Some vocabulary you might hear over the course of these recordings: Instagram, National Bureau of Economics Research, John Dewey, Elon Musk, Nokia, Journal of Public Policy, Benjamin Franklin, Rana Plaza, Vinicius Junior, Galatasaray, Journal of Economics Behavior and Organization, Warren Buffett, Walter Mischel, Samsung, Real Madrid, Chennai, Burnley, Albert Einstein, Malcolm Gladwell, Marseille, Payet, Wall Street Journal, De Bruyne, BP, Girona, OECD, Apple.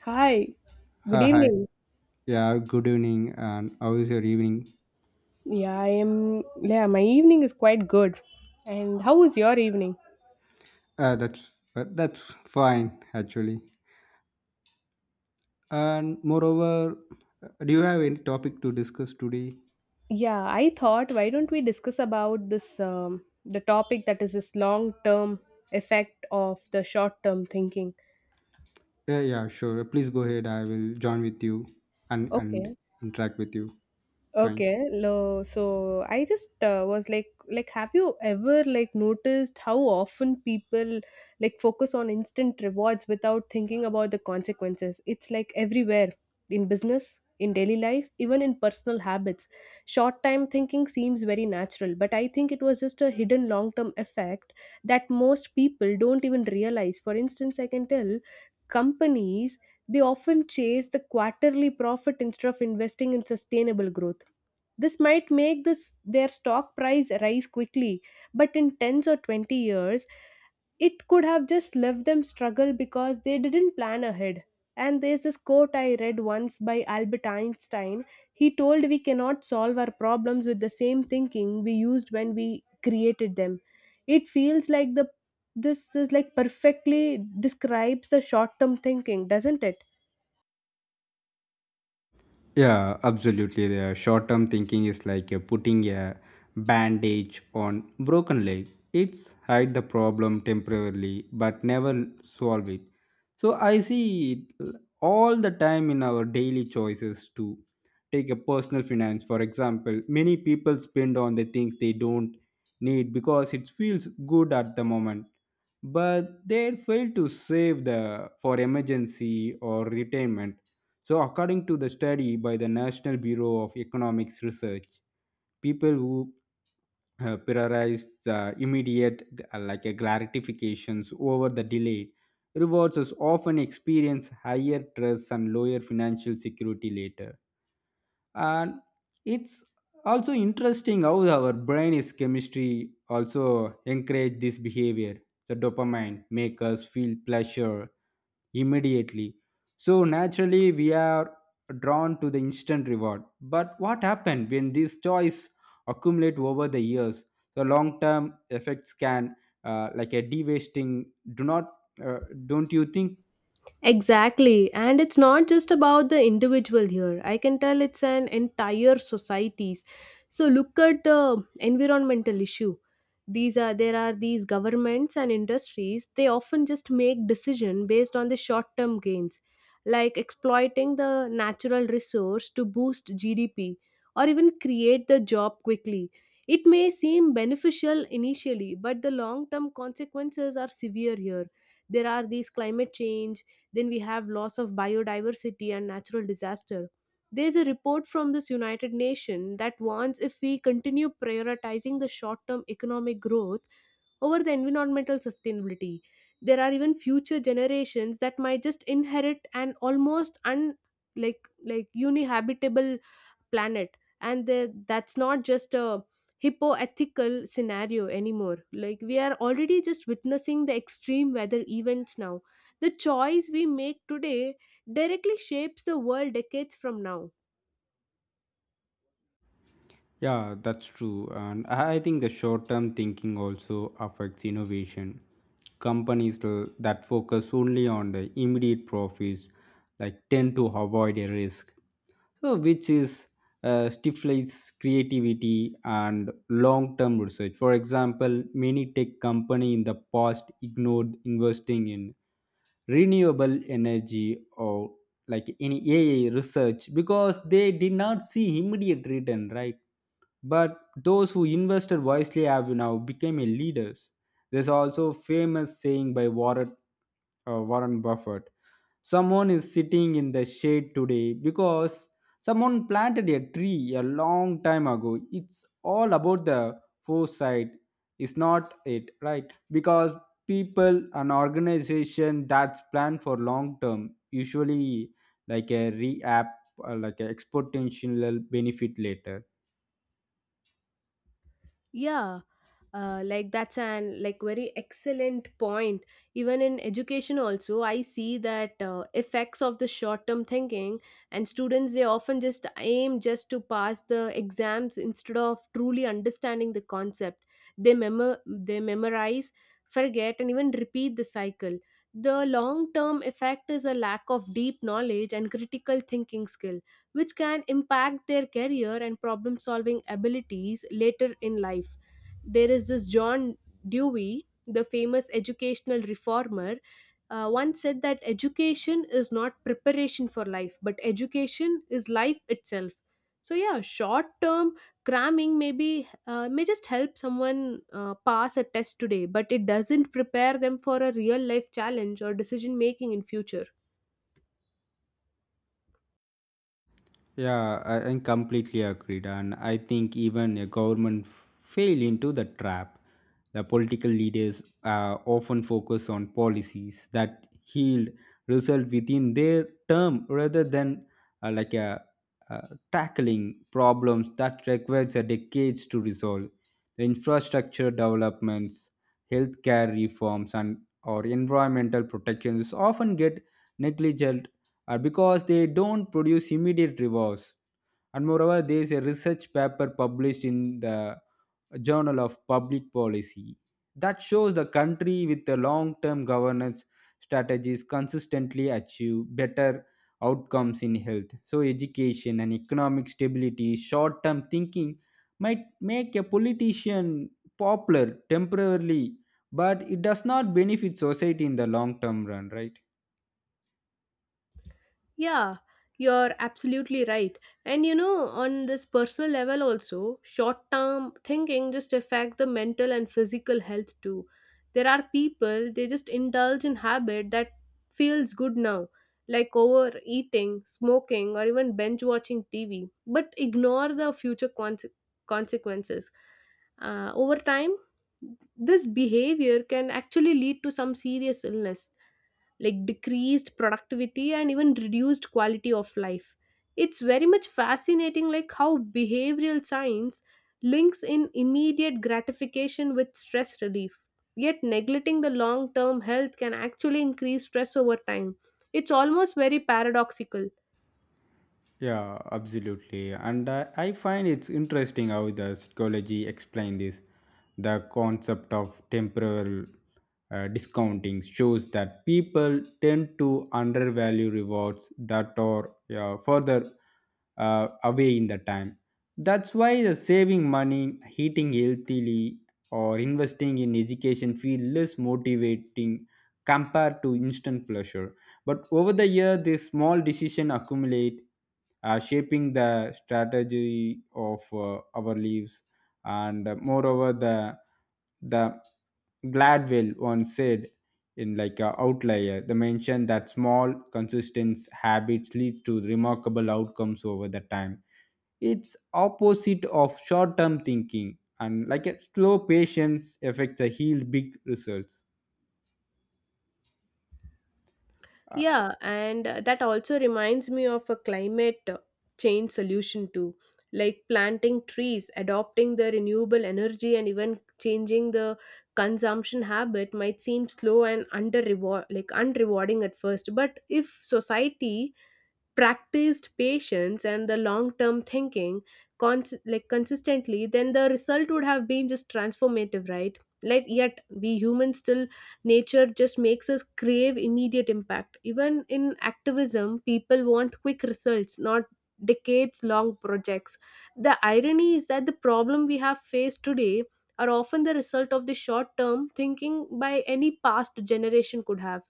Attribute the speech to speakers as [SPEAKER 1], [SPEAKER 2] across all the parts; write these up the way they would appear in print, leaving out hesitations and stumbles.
[SPEAKER 1] Hi, good
[SPEAKER 2] Hi hi.
[SPEAKER 1] evening.
[SPEAKER 2] Yeah, good evening. And how is your evening?
[SPEAKER 1] Yeah, I am. Yeah, my evening is quite good. And how was your evening?
[SPEAKER 2] Uh, that's that's fine actually. And moreover, do you have any topic to discuss today?
[SPEAKER 1] Yeah, I thought why don't we discuss about this the topic that is this long term effect of the short term thinking.
[SPEAKER 2] Yeah, yeah, sure. Please go ahead. I will join with you and
[SPEAKER 1] Okay.
[SPEAKER 2] interact with you. Fine.
[SPEAKER 1] So I just was like have you ever like noticed how often people like focus on instant rewards without thinking about the consequences? It's like everywhere in business, in daily life, even in personal habits. Short time thinking seems very natural, but I think it was just a hidden long term effect that most people don't even realize. For instance, I can tell companies they often chase the quarterly profit instead of investing in sustainable growth. This might make this their stock price rise quickly, but in 10 or 20 years, it could have just left them struggle because they didn't plan ahead. And there's this quote I read once by Albert Einstein. He told we cannot solve our problems with the same thinking we used when we created them. It feels like the this is like perfectly describes the short term thinking, doesn't it?
[SPEAKER 2] Yeah, absolutely. The short-term thinking is like putting a bandage on broken leg. It's hide the problem temporarily, but never solve it. So I see it all the time in our daily choices to take a personal finance. For example, many people spend on the things they don't need because it feels good at the moment, but they fail to save the for emergency or retirement, so according to the study by the National Bureau of Economics Research, people who prioritize the immediate like a gratifications over the delayed rewards is often experience higher trust and lower financial security later, and it's also interesting how our brain is chemistry also encourage this behavior. The dopamine make us feel pleasure immediately, so naturally we are drawn to the instant reward. But what happened when these toys accumulate over the years, the long term effects can like a de do not uh, don't you think?
[SPEAKER 1] Exactly. And it's not just about the individual here. I can tell it's an entire societies. So look at the environmental issue. These are there are these governments and industries, they often just make decision based on the short-term gains, like exploiting the natural resource to boost GDP or even create the job quickly. It may seem beneficial initially, but the long-term consequences are severe here. There are these climate change, then we have loss of biodiversity and natural disaster. There's a report from this United Nations that warns if we continue prioritizing the short-term economic growth over the environmental sustainability, there are even future generations that might just inherit an almost un like uninhabitable planet, and that's not just a hippoethical scenario anymore. Like we are already just witnessing the extreme weather events now. The choice we make today directly shapes the world decades from now.
[SPEAKER 2] Yeah, that's true. And I think the short term thinking also affects innovation. Companies that focus only on the immediate profits like tend to avoid a risk. So which is stifles creativity and long term research. For example, many tech company in the past ignored investing in renewable energy or like any AI research because they did not see immediate return, right? But those who invested wisely have now become a leaders. There's also famous saying by Warren Buffett. Someone is sitting in the shade today because someone planted a tree a long time ago. It's all about the foresight. It's not it, right? Because people an organization that's planned for long term usually like a re-app like an exponential benefit later.
[SPEAKER 1] Yeah, like that's an like very excellent point. Even in education also I see that effects of the short term thinking, and students they often just aim just to pass the exams instead of truly understanding the concept. They memorize, forget and even repeat the cycle. The long term effect is a lack of deep knowledge and critical thinking skill, which can impact their career and problem solving abilities later in life. There is this John Dewey, the famous educational reformer, once said that education is not preparation for life, but education is life itself. So yeah, short-term cramming maybe may just help someone pass a test today, but it doesn't prepare them for a real-life challenge or decision making in future.
[SPEAKER 2] Yeah, I completely agreed, and I think even a government fail into the trap. The political leaders often focus on policies that yield result within their term rather than uh, like a, tackling problems that requires a decades to resolve. The infrastructure developments, healthcare reforms, and or environmental protections often get negligent because they don't produce immediate rewards. And moreover, there is a research paper published in the Journal of Public Policy that shows the country with the long-term governance strategies consistently achieve better outcomes in health. So education and economic stability, short-term thinking might make a politician popular temporarily, but it does not benefit society in the long term run, right?
[SPEAKER 1] Yeah, you're absolutely right. And you know, on this personal level also, short-term thinking just affect the mental and physical health too. There are people they just indulge in habit that feels good now, like overeating, smoking, or even binge watching TV, but ignore the future consequences. Over time, this behavior can actually lead to some serious illness like decreased productivity and even reduced quality of life. It's very much fascinating like how behavioral science links in immediate gratification with stress relief, yet neglecting the long term health can actually increase stress over time. It's almost very paradoxical.
[SPEAKER 2] Yeah, absolutely. And I find it's interesting how the psychology explain this. The concept of temporal discounting shows that people tend to undervalue rewards that are yeah, further away in the time. That's why the saving money, eating healthily, or investing in education feel less motivating compared to instant pleasure. But over the year, these small decisions accumulate, shaping the strategy of our lives. And moreover, the Gladwell once said in like a outlier, they mentioned that small, consistent habits lead to remarkable outcomes over the time. It's opposite of short-term thinking, and like a slow patience affects a healed big results. Uh,
[SPEAKER 1] Yeah, and that also reminds me of a climate change solution too, like planting trees, adopting the renewable energy, and even changing the consumption habit might seem slow and under reward like unrewarding at first. But if society practiced patience and the long term thinking consistently, then the result would have been just transformative, right? Like yet we humans still nature just makes us crave immediate impact. Even in activism people want quick results, not decades long projects. The irony is that the problem we have faced today are often the result of the short term thinking by any past generation could have.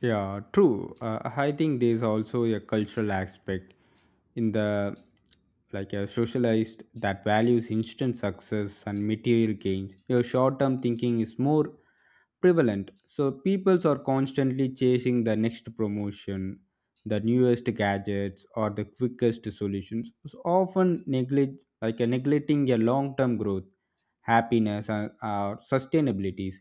[SPEAKER 2] Yeah, true. I think there's also a cultural aspect in the like a socialized that values instant success and material gains. Your short-term thinking is more prevalent. So peoples are constantly chasing the next promotion, the newest gadgets, or the quickest solutions. So often neglect like a neglecting a long-term growth, happiness, and sustainabilities.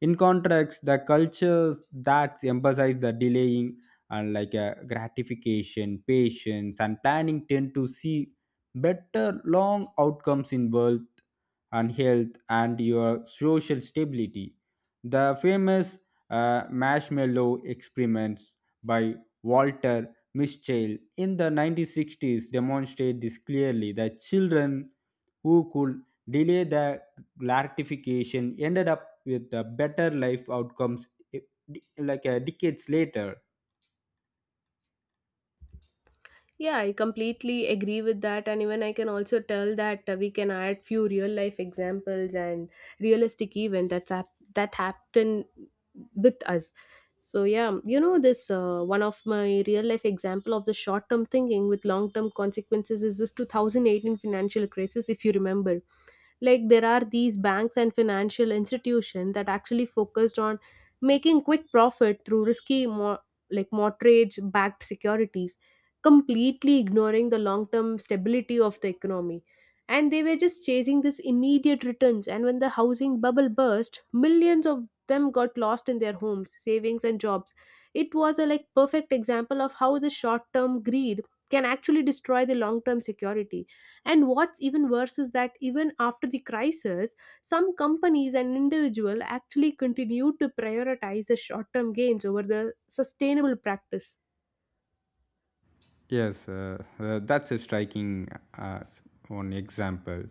[SPEAKER 2] In contrast, the cultures that emphasize the delaying and like gratification, patience, and planning tend to see better long outcomes in wealth and health and your social stability. The famous marshmallow experiments by Walter Mischel in the 1960s demonstrate this clearly. The children who could delay the gratification ended up with better life outcomes decades later.
[SPEAKER 1] Yeah, I completely agree with that. And even I can also tell that we can add few real life examples and realistic event that happened with us. So yeah, you know this one of my real life example of the short term thinking with long term consequences is this 2018 financial crisis, if you remember. Like there are these banks and financial institutions that actually focused on making quick profit through risky mo- like mortgage backed securities, completely ignoring the long term stability of the economy. And they were just chasing this immediate returns, and when the housing bubble burst, millions of them got lost in their homes, savings and jobs. It was a like perfect example of how the short term greed can actually destroy the long term security. And what's even worse is that even after the crisis, some companies and individuals actually continue to prioritize the short-term gains over the sustainable practice.
[SPEAKER 2] Yes, that's a striking uh, s- one example.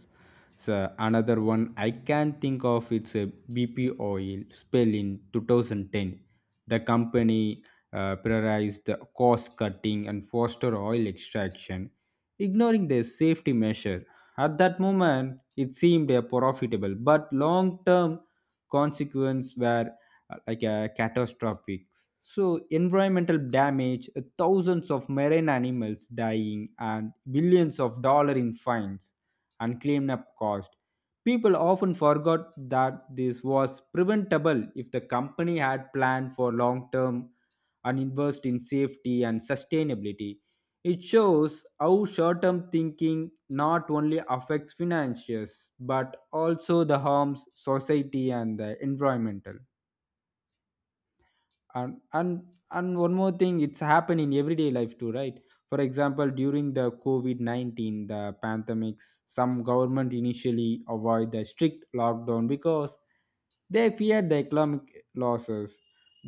[SPEAKER 2] So another one I can think of it's a BP oil spill in 2010. The company prioritized the cost cutting and foster oil extraction, ignoring their safety measure. At that moment, it seemed a profitable, but long-term consequences were catastrophic. So environmental damage, thousands of marine animals dying, and billions of dollar in fines and cleanup cost. People often forgot that this was preventable if the company had planned for long term and invest in safety and sustainability. It shows how short term thinking not only affects finances but also the harms society and the environmental, and and and one more thing it's happened in everyday life too, right? For example, during the covid-19 the pandemics, some government initially avoid the strict lockdown because they feared the economic losses.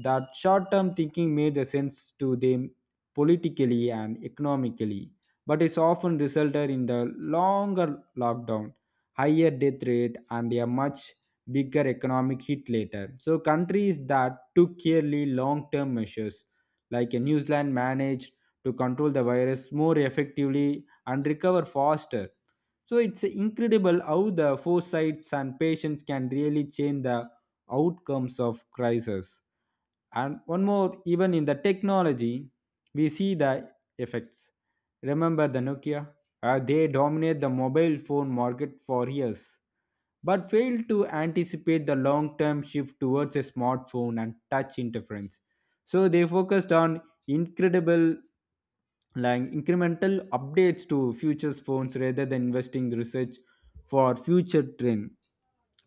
[SPEAKER 2] That short-term thinking made the sense to them politically and economically, but it's often resulted in the longer lockdown, higher death rate, and a much bigger economic hit later. So countries that took clearly long-term measures, like New Zealand, managed to control the virus more effectively and recover faster. So it's incredible how the foresights and patience can really change the outcomes of crisis. And one more, even in the technology, we see the effects. Remember the Nokia? They dominate the mobile phone market for years but failed to anticipate the long term shift towards a smartphone and touch interference. So they focused on incredible like incremental updates to futures phones rather than investing the research for future trend.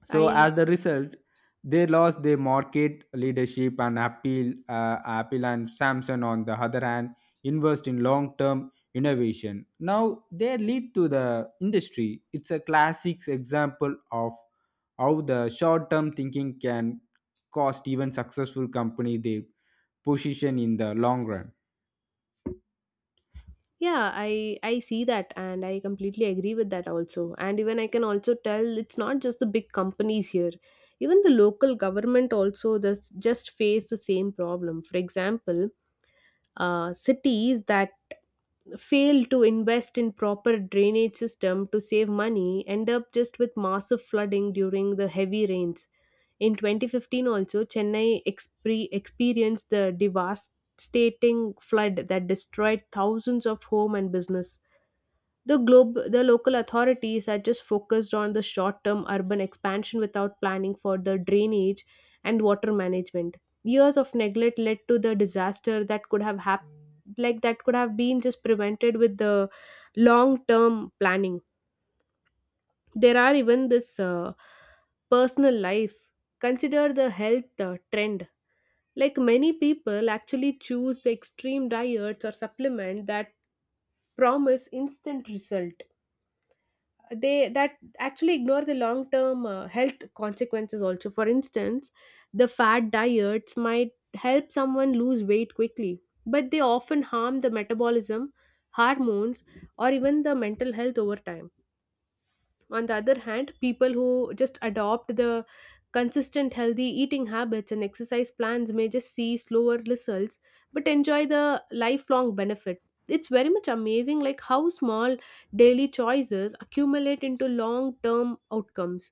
[SPEAKER 2] So as the result, they lost their market leadership and appeal. Apple and Samsung, on the other hand, invest in long-term innovation. Now they lead to the industry. It's a classic example of how the short-term thinking can cost even successful company the position in the long run.
[SPEAKER 1] Yeah, I see that and I completely agree with that also. And even I can also tell it's not just the big companies here. Even the local government also does just face the same problem. For example, cities that fail to invest in proper drainage system to save money end up just with massive flooding during the heavy rains in 2015. Also Chennai experienced the devastating flood that destroyed thousands of home and business. The local authorities are just focused on the short-term urban expansion without planning for the drainage and water management. Years of neglect led to the disaster that could have hap- like that could have been just prevented with the long-term planning. There are even this personal life. Consider the health trend. Like many people actually choose the extreme diets or supplement that promise instant result. They that actually ignore the long term health consequences also. For instance, the fat diets might help someone lose weight quickly, but they often harm the metabolism, hormones, or even the mental health over time. On the other hand, people who just adopt the consistent healthy eating habits and exercise plans may just see slower results but enjoy the lifelong benefit. It's very much amazing like how small daily choices accumulate into long term outcomes.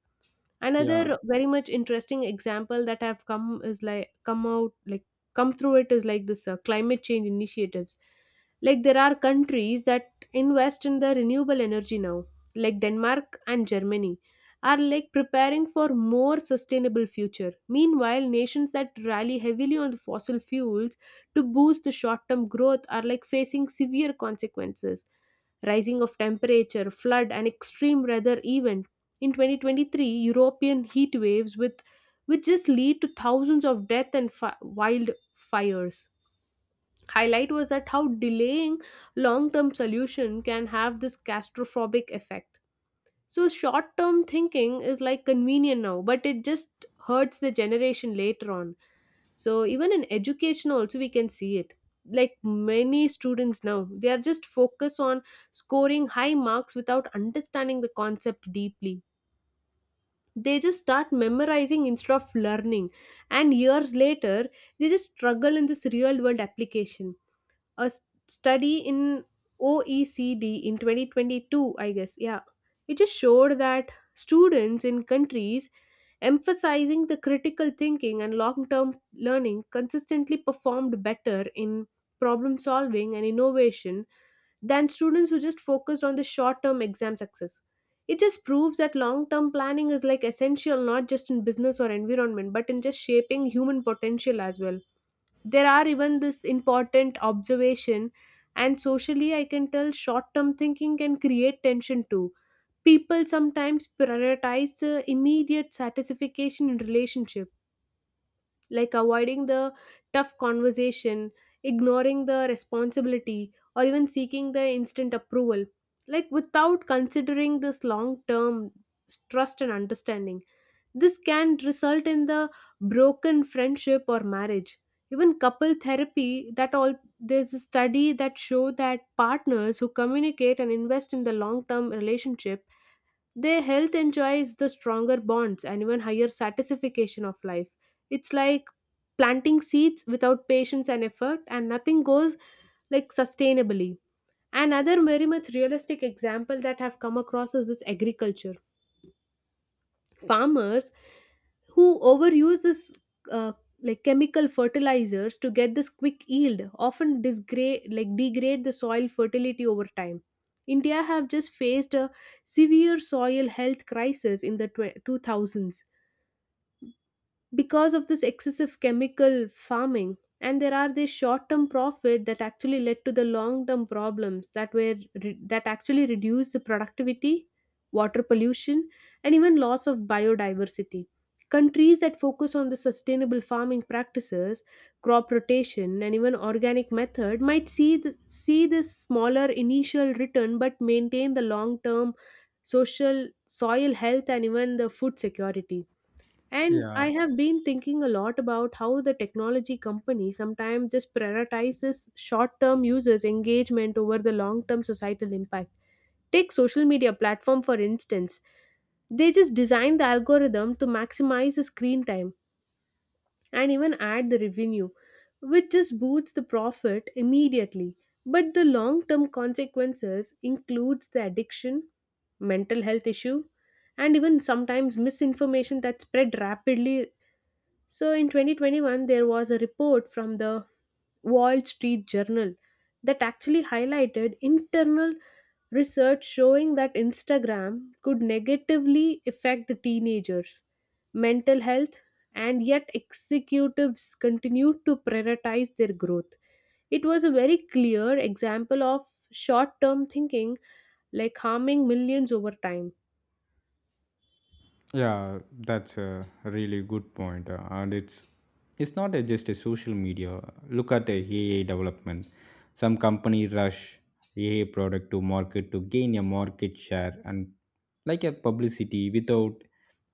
[SPEAKER 2] Yeah,
[SPEAKER 1] Another very much interesting example that have come is like come out like come through it is like this climate change initiatives. Like there are countries that invest in the renewable energy now, like Denmark and Germany, are like preparing for more sustainable future. Meanwhile nations that rely heavily on the fossil fuels to boost the short term growth are like facing severe consequences: rising of temperature, flood and extreme weather events. In 2023, European heat waves with which just lead to thousands of death and wildfires. Highlight was that how delaying long-term solution can have this catastrophic effect. So short-term thinking is like convenient now, but it just hurts the generation later on. So even in education also we can see it. Like many students now, they are just focused on scoring high marks without understanding the concept deeply. They just start memorizing instead of learning, and years later they just struggle in this real world application. A study in OECD in 2022, I guess. Yeah. It just showed that students in countries emphasizing the critical thinking and long term learning consistently performed better in problem solving and innovation than students who just focused on the short term exam success. It just proves that long term planning is like essential not just in business or environment but in just shaping human potential as well. There are even this important observation, and socially I can tell short term thinking can create tension too. People sometimes prioritize the immediate satisfaction in relationship, like avoiding the tough conversation, ignoring the responsibility or even seeking the instant approval, like without considering this long term trust and understanding. This can result in the broken friendship or marriage. Even couple therapy that all, there's a study that show that partners who communicate and invest in the long-term relationship, their health enjoys the stronger bonds and even higher satisfaction of life. It's like planting seeds without patience and effort and nothing goes like sustainably. Another very much realistic example that I've come across is this agriculture. Farmers who overuse this uh, like chemical fertilizers to get this quick yield often disgrade like degrade the soil fertility over time. India have just faced a severe soil health crisis in the 2000s because of this excessive chemical farming, and there are these short-term profit that actually led to the long-term problems that actually reduce the productivity, water pollution, and even loss of biodiversity. Countries that focus on the sustainable farming practices, crop rotation and even organic method might see this smaller initial return but maintain the long-term social soil health and even the food security. And
[SPEAKER 2] yeah.
[SPEAKER 1] I have been thinking a lot about how the technology company sometimes just prioritizes short term users' engagement over the long term societal impact. Take social media platform for instance. They just design the algorithm to maximize the screen time and even add the revenue, which just boosts the profit immediately. But the long term consequences includes the addiction, mental health issue, and even sometimes misinformation that spread rapidly. So in 2021, there was a report from the Wall Street Journal that actually highlighted internal research showing that Instagram could negatively affect the teenagers' mental health, and yet executives continued to prioritize their growth. It was a very clear example of short term thinking, like harming millions over time.
[SPEAKER 2] Yeah, that's a really good point, and it's not a, just a social media. Look at a AI development. Some company rush AI product to market to gain a market share and like a publicity without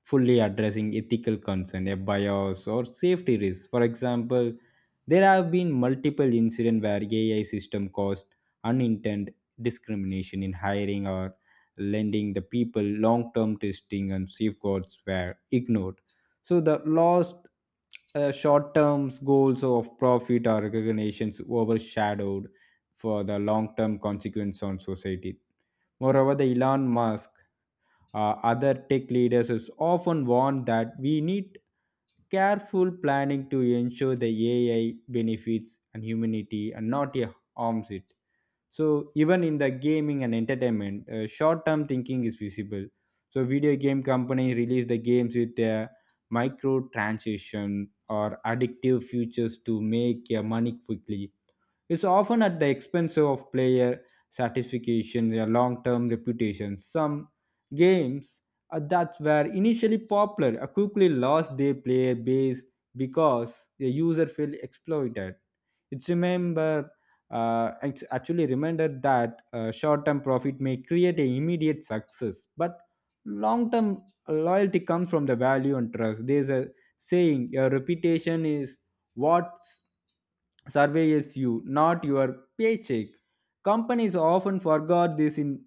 [SPEAKER 2] fully addressing ethical concern, a bias or safety risk. For example, there have been multiple incidents where AI system caused unintended discrimination in hiring or lending the people long term testing and safeguards were ignored. So the lost short term goals of profit or recognitions overshadowed for the long term consequence on society. Moreover, the Elon Musk, other tech leaders, is often warned that we need careful planning to ensure the AI benefits and humanity and not harms it. So even in the gaming and entertainment, short-term thinking is visible. So video game company release the games with their microtransaction or addictive features to make your money quickly is often at the expense of player satisfaction, their long-term reputation. Some games that were initially popular quickly lost their player base because the user felt exploited. It's remember, it's actually reminder that short-term profit may create a immediate success, but long-term loyalty comes from the value and trust. There's a saying your reputation is what's surveys you, not your paycheck. Companies often forgot this in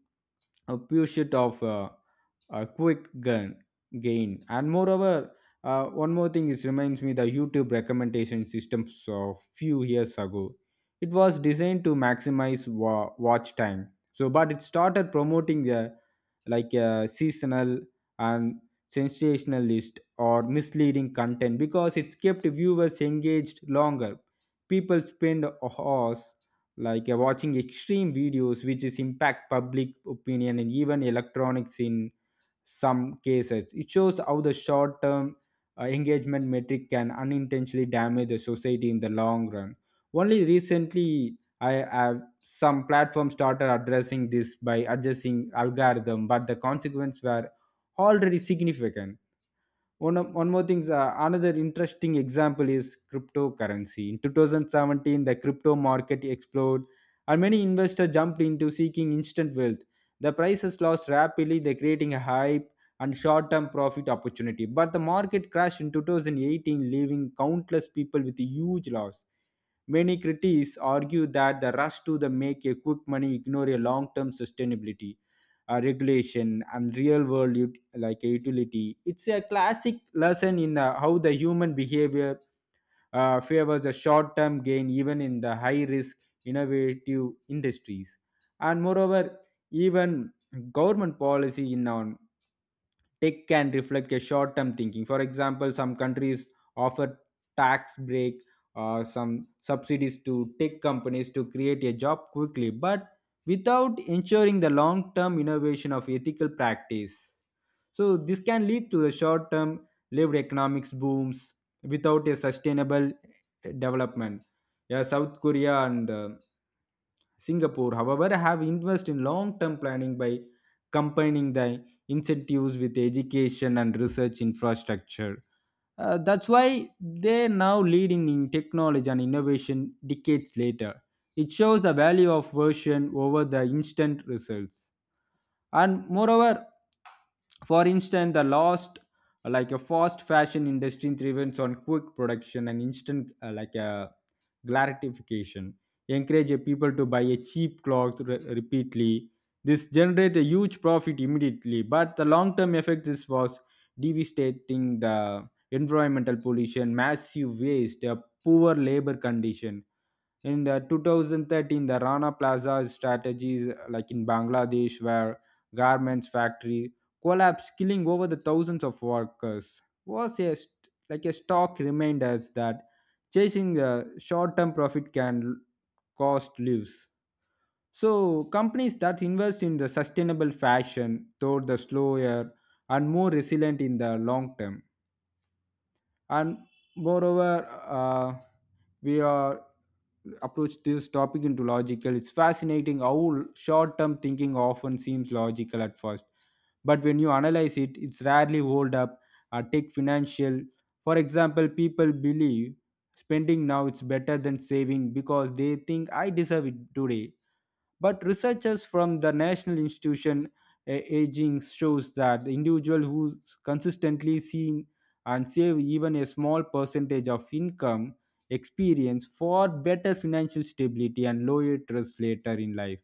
[SPEAKER 2] a pure shit of a quick gain. And moreover, one more thing is reminds me the youtube recommendation systems of few years ago. It was designed to maximize watch time, so but it started promoting like a seasonal and sensationalist or misleading content because it's kept viewers engaged longer. People spend hours like watching extreme videos, which is impact public opinion and even electronics in some cases. It shows how the short term engagement metric can unintentionally damage the society in the long run. Only recently I have some platforms started addressing this by adjusting algorithm, but the consequences were already significant. One more thing, another interesting example is cryptocurrency. In 2017 the crypto market exploded and many investors jumped into seeking instant wealth. The prices lost rapidly, they creating a hype and short-term profit opportunity, but the market crashed in 2018, leaving countless people with huge loss. Many critics argue that the rush to the make a quick money ignore a long-term sustainability, regulation, and real world like a utility. It's a classic lesson in how the human behavior favors a short-term gain even in the high-risk innovative industries. And moreover, even government policy in on tech can reflect a short-term thinking. For example, some countries offer tax break or some subsidies to tech companies to create a job quickly, but without ensuring the long-term innovation of ethical practice. So this can lead to the short-term lived economics booms without a sustainable development. Yeah, South Korea and Singapore, however, have invested in long term planning by combining the incentives with education and research infrastructure. That's why they're now leading in technology and innovation decades later. It shows the value of version over the instant results. And moreover, for instance, the lost like a fast fashion industry thrives on quick production and instant like a gratification, encourage a people to buy a cheap cloth repeatedly. This generates a huge profit immediately, but the long term effect is was devastating. The environmental pollution, massive waste, a poor labor condition. In the 2013 the Rana Plaza strategies like in Bangladesh, were garments factory collapsed, killing over the thousands of workers, was a like a stark reminder that chasing the short-term profit can cost lives. So companies that invest in the sustainable fashion, though the slower and more resilient in the long term. And moreover, uh, we are approach this topic into logical. It's fascinating how short term thinking often seems logical at first, but when you analyze it it's rarely hold up. Take financial for example. People believe spending now it's better than saving because they think I deserve it today, but researchers from the national institution, aging shows that the individual who consistently seen and save even a small percentage of income experience for better financial stability and lower risk later in life.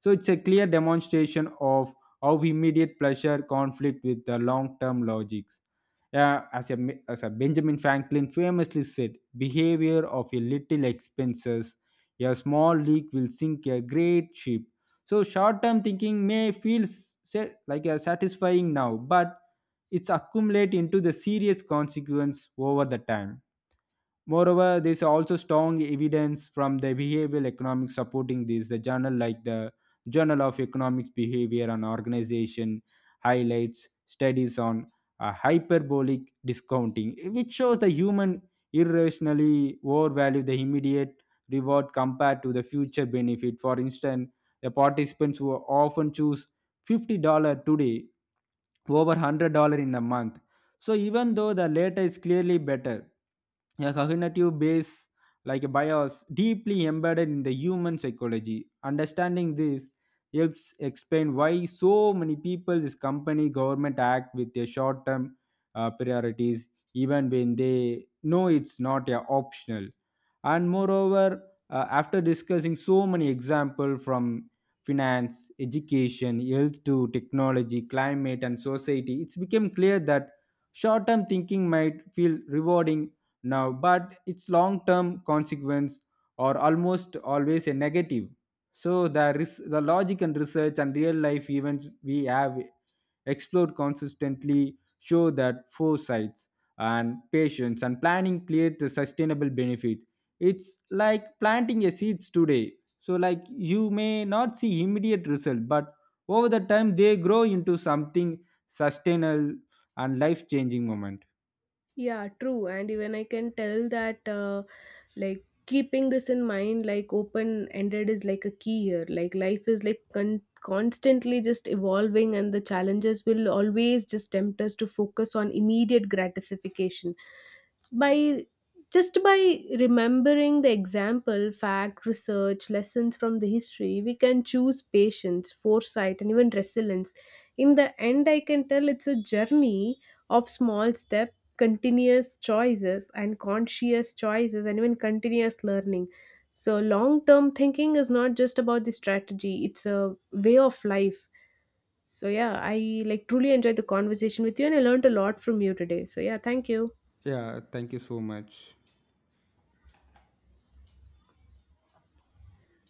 [SPEAKER 2] So it's a clear demonstration of how immediate pleasure conflict with the long-term logics. Yeah, as a Benjamin Franklin famously said, behavior of a little expenses, a small leak will sink a great ship. So short-term thinking may feel like a satisfying now, but it's accumulate into the serious consequence over the time. Moreover, there is also strong evidence from the behavioral economics supporting this. The journal like the Journal of Economics Behavior and Organization highlights studies on hyperbolic discounting, which shows the human irrationally overvalue the immediate reward compared to the future benefit. For instance, the participants who often choose $50 today over $100 in a month, so even though the latter is clearly better, a cognitive base like a bias deeply embedded in the human psychology. Understanding this helps explain why so many people, this company, government act with their short-term priorities, even when they know it's not optional. And moreover, after discussing so many examples from finance, education, health to technology, climate, and society, it's become clear that short term thinking might feel rewarding now, but its long term consequence are almost always a negative. So, the logic and research and real life events we have explored consistently show that foresights and patience and planning create the sustainable benefit. It's like planting a seeds today. So, like you may not see immediate result, but over the time they grow into something sustainable and life changing moment.
[SPEAKER 1] Yeah, true. And even I can tell that. Like keeping this in mind like open ended is like a key here. Like life is like constantly just evolving, and the challenges will always just tempt us to focus on immediate gratification by just by remembering the example fact research lessons from the history. We can choose patience, foresight and even resilience. In the end I can tell it's a journey of small steps, continuous choices and conscious choices and even continuous learning. So long term thinking is not just about the strategy, it's a way of life. So yeah, I like truly enjoyed the conversation with you and I learned a lot from you today, so yeah, thank you.
[SPEAKER 2] Yeah, thank you so much.